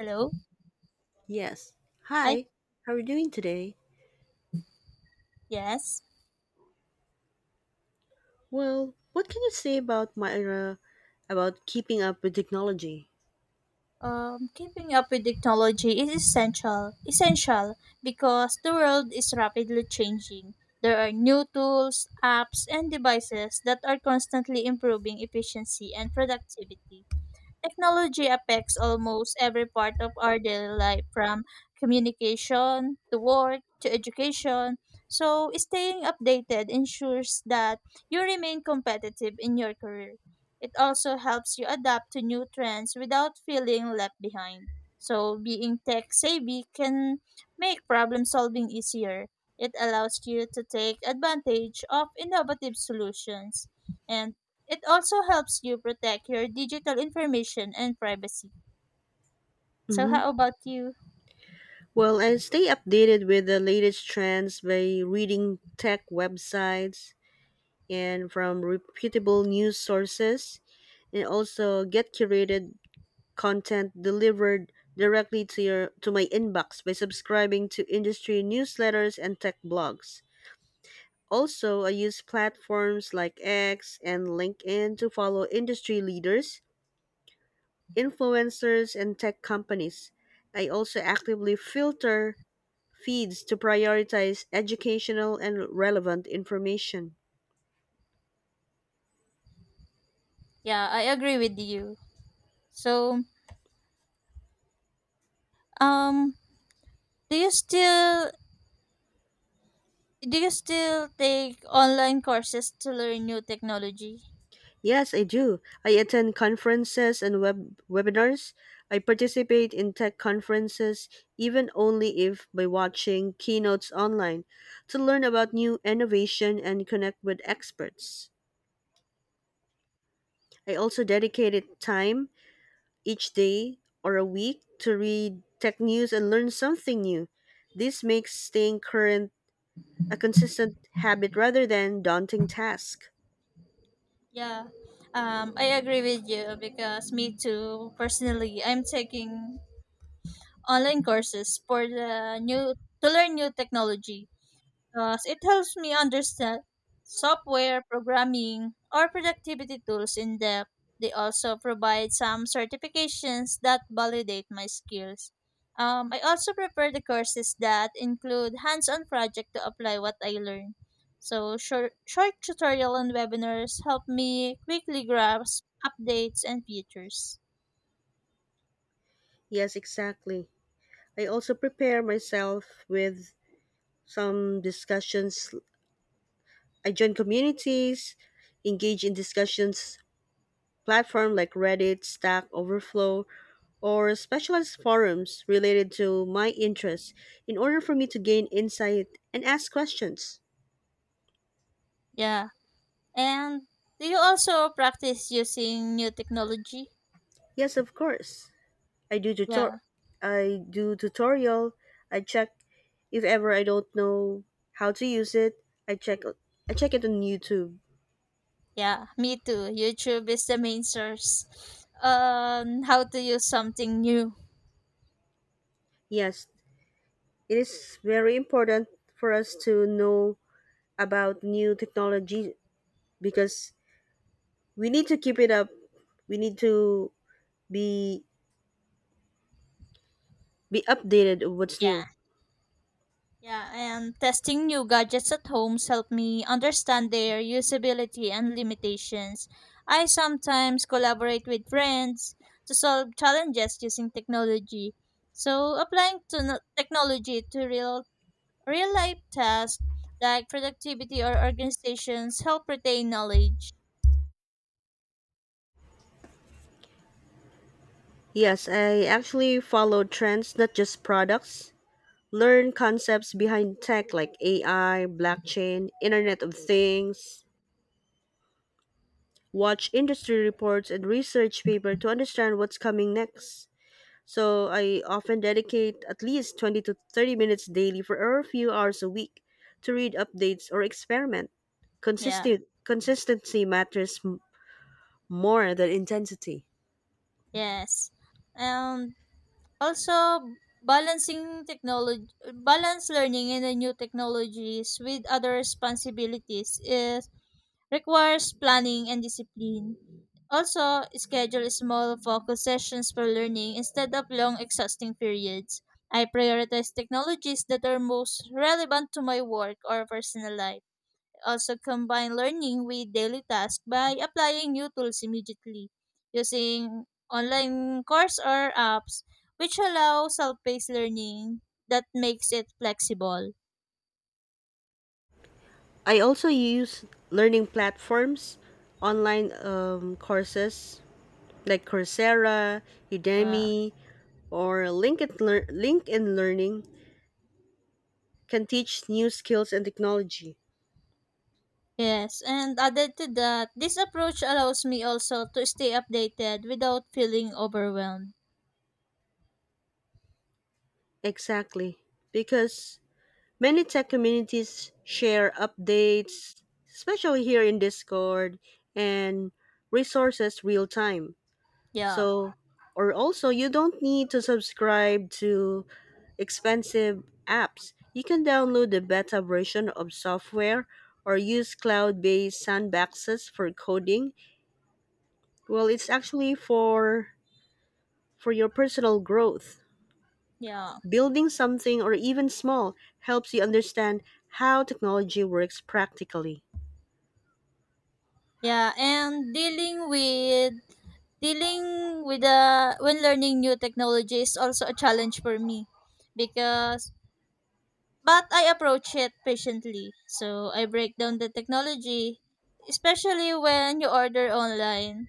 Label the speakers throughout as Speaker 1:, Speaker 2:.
Speaker 1: Hello.
Speaker 2: Yes.
Speaker 1: Hi.
Speaker 2: Hi. How are you doing today?
Speaker 1: Yes.
Speaker 2: Well, what can you say about my about keeping up with technology?
Speaker 1: Keeping up with technology is essential. Essential because the world is rapidly changing. There are new tools, apps, and devices that are constantly improving efficiency and productivity. Technology affects almost every part of our daily life, from communication to work to education. So, staying updated ensures that you remain competitive in your career. It also helps you adapt to new trends without feeling left behind. So, being tech savvy can make problem solving easier. It allows you to take advantage of innovative solutions. And it also helps you protect your digital information and privacy. So
Speaker 2: Mm-hmm.
Speaker 1: how about you?
Speaker 2: Well, I stay updated with the latest trends by reading tech websites and from reputable news sources, and also get curated content delivered directly to your to my inbox by subscribing to industry newsletters and tech blogs. Also, I use platforms like X and LinkedIn to follow industry leaders, influencers, and tech companies. I also actively filter feeds to prioritize educational and relevant information.
Speaker 1: Yeah, I agree with you. So, um, do you still do you still take online courses to learn new technology?
Speaker 2: Yes, I do. I attend conferences and webinars. I participate in tech conferences, even only if by watching keynotes online, to learn about new innovation and connect with experts. I also dedicated time each day or a week to read tech news and learn something new. This makes staying current a consistent habit rather than daunting task.
Speaker 1: Yeah. I agree with you because me too. Personally, I'm taking online courses for the new to learn new technology, because it helps me understand software, programming, or productivity tools in depth. They also provide some certifications that validate my skills. I also prepare the courses that include hands on project to apply what I learn. So, short tutorial and webinars help me quickly grasp updates and features.
Speaker 2: Yes, exactly. I also prepare myself with some discussions. I join communities, engage in discussions platform like Reddit, Stack Overflow, or specialized forums related to my interests in order for me to gain insight and ask questions.
Speaker 1: Yeah. And do you also practice using new technology?
Speaker 2: Yes, of course. I do tutor
Speaker 1: Yeah.
Speaker 2: I do tutorial. I check if ever I don't know how to use it. I check I check it on YouTube.
Speaker 1: Yeah, me too. YouTube is the main source on how to use something new.
Speaker 2: Yes, it is very important for us to know about new technology because we need to keep it up. We need to be be updated of what's
Speaker 1: Yeah.
Speaker 2: new.
Speaker 1: Yeah, and testing new gadgets at homes help me understand their usability and limitations. I sometimes collaborate with friends to solve challenges using technology. So applying to technology to real life tasks like productivity or organizations help retain knowledge.
Speaker 2: Yes, I actually follow trends, not just products. Learn concepts behind tech like AI, blockchain, Internet of Things. Watch industry reports and research paper to understand what's coming next. So I often dedicate at least 20 to 30 minutes daily for a few hours a week to read updates or experiment.
Speaker 1: Yeah.
Speaker 2: Consistent consistency matters more than intensity.
Speaker 1: Yes. And also, balancing technology, balance learning in the new technologies with other responsibilities is requires planning and discipline. Also, schedule small focus sessions for learning instead of long exhausting periods. I prioritize technologies that are most relevant to my work or personal life, also combine learning with daily tasks by applying new tools immediately, using online course or apps which allow self-paced learning that makes it flexible.
Speaker 2: I also use learning platforms, online courses like Coursera,
Speaker 1: Uh,
Speaker 2: Udemy, or LinkedIn Learning can teach new skills and technology.
Speaker 1: yes, and added to that, this approach allows me also to stay updated without feeling overwhelmed.
Speaker 2: Exactly. Because many tech communities share updates, especially here in Discord, and resources real time.
Speaker 1: Yeah,
Speaker 2: So, or also, you don't need to subscribe to expensive apps. You can download the beta version of software or use cloud-based sandboxes for coding. Well, it's actually for your personal growth.
Speaker 1: yeah,
Speaker 2: Building something or even small helps you understand how technology works practically.
Speaker 1: yeah, and dealing with the when learning new technology is also a challenge for me, because but I approach it patiently. So I break down the technology, especially when you order online.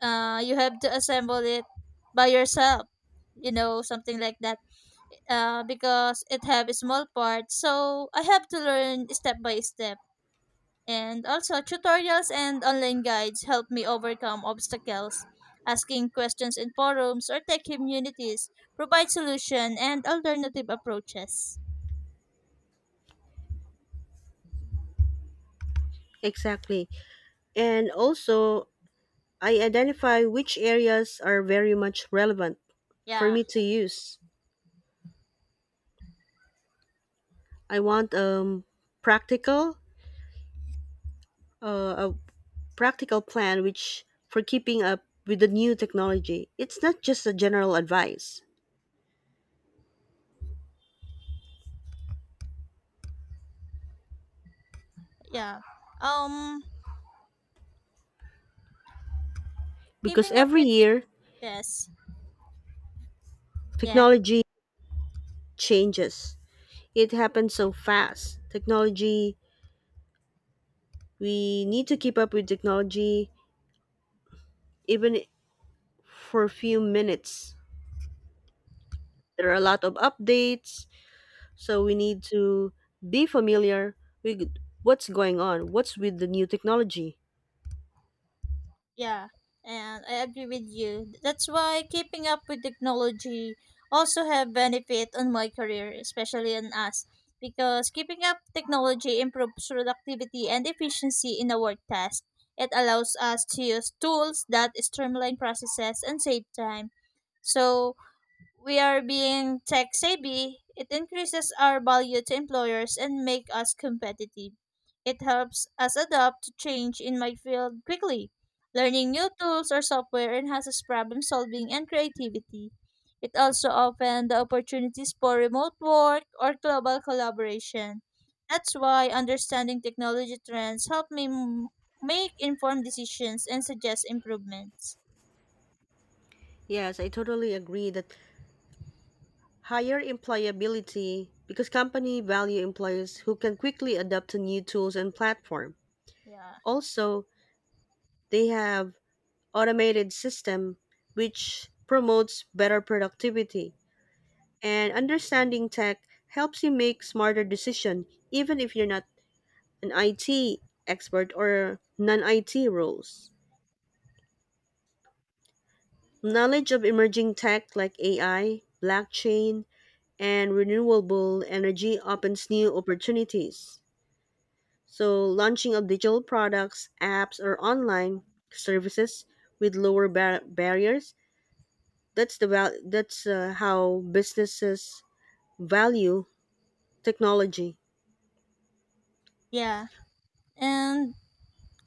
Speaker 1: You have to assemble it by yourself, you know, something like that. Because it have small parts, so I have to learn step by step. And also tutorials and online guides help me overcome obstacles. Asking questions in forums or tech communities provide solution and alternative approaches.
Speaker 2: Exactly. And also, I identify which areas are very much relevant for
Speaker 1: Yeah.
Speaker 2: me to use. I want practical a practical plan which for keeping up with the new technology. It's not just a general advice
Speaker 1: Yeah. Um
Speaker 2: because
Speaker 1: Keeping up
Speaker 2: every
Speaker 1: with the
Speaker 2: year
Speaker 1: yes. Yeah.
Speaker 2: technology changes. It happens so fast. Technology, we need to keep up with technology even for a few minutes. There are a lot of updates, so we need to be familiar with what's going on, what's with the new technology.
Speaker 1: Yeah. And I agree with you. That's why keeping up with technology also have benefit on my career, especially on us. Because keeping up technology improves productivity and efficiency in a work task. It allows us to use tools that streamline processes and save time. So we are being tech savvy, it increases our value to employers and make us competitive. It helps us adapt to change in my field quickly. Learning new tools or software enhances problem solving and creativity. It also opens the opportunities for remote work or global collaboration. That's why understanding technology trends help make informed decisions and suggest improvements.
Speaker 2: Yes, I totally agree that higher employability because company value employees who can quickly adapt to new tools and platform.
Speaker 1: Yeah.
Speaker 2: Also, they have automated system which promotes better productivity and understanding tech helps you make smarter decision even if you're not an IT expert or non-IT roles. Knowledge of emerging tech like AI, blockchain, and renewable energy opens new opportunities. So, launching of digital products, apps, or online services with barriers, that's how businesses value technology.
Speaker 1: Yeah. And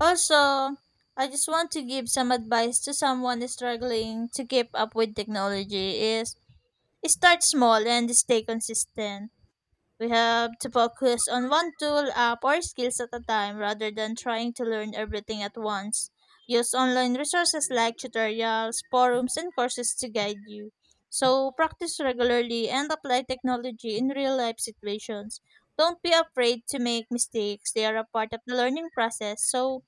Speaker 1: also, I just want to give some advice to someone struggling to keep up with technology is start small and stay consistent. We have to focus on one tool, app, or skills at a time rather than trying to learn everything at once. Use online resources like tutorials, forums, and courses to guide you. So, practice regularly and apply technology in real life situations. Don't be afraid to make mistakes, they are a part of the learning process. So,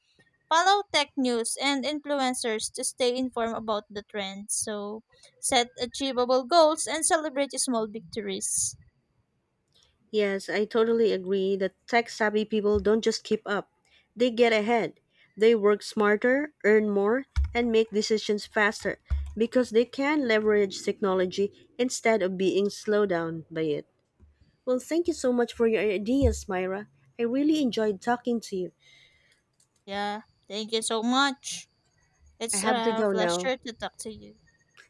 Speaker 1: follow tech news and influencers to stay informed about the trends. So set achievable goals and celebrate small victories.
Speaker 2: Yes, I totally agree that tech-savvy people don't just keep up. They get ahead. They work smarter, earn more, and make decisions faster because they can leverage technology instead of being slowed down by it. Well, thank you so much for your ideas, Myra. I really enjoyed talking to you.
Speaker 1: Yeah. Thank you so much.
Speaker 2: I
Speaker 1: It's
Speaker 2: have to
Speaker 1: a
Speaker 2: go now.
Speaker 1: pleasure to talk to you.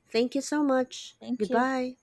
Speaker 2: Thank you so much.
Speaker 1: Thank you.
Speaker 2: Goodbye.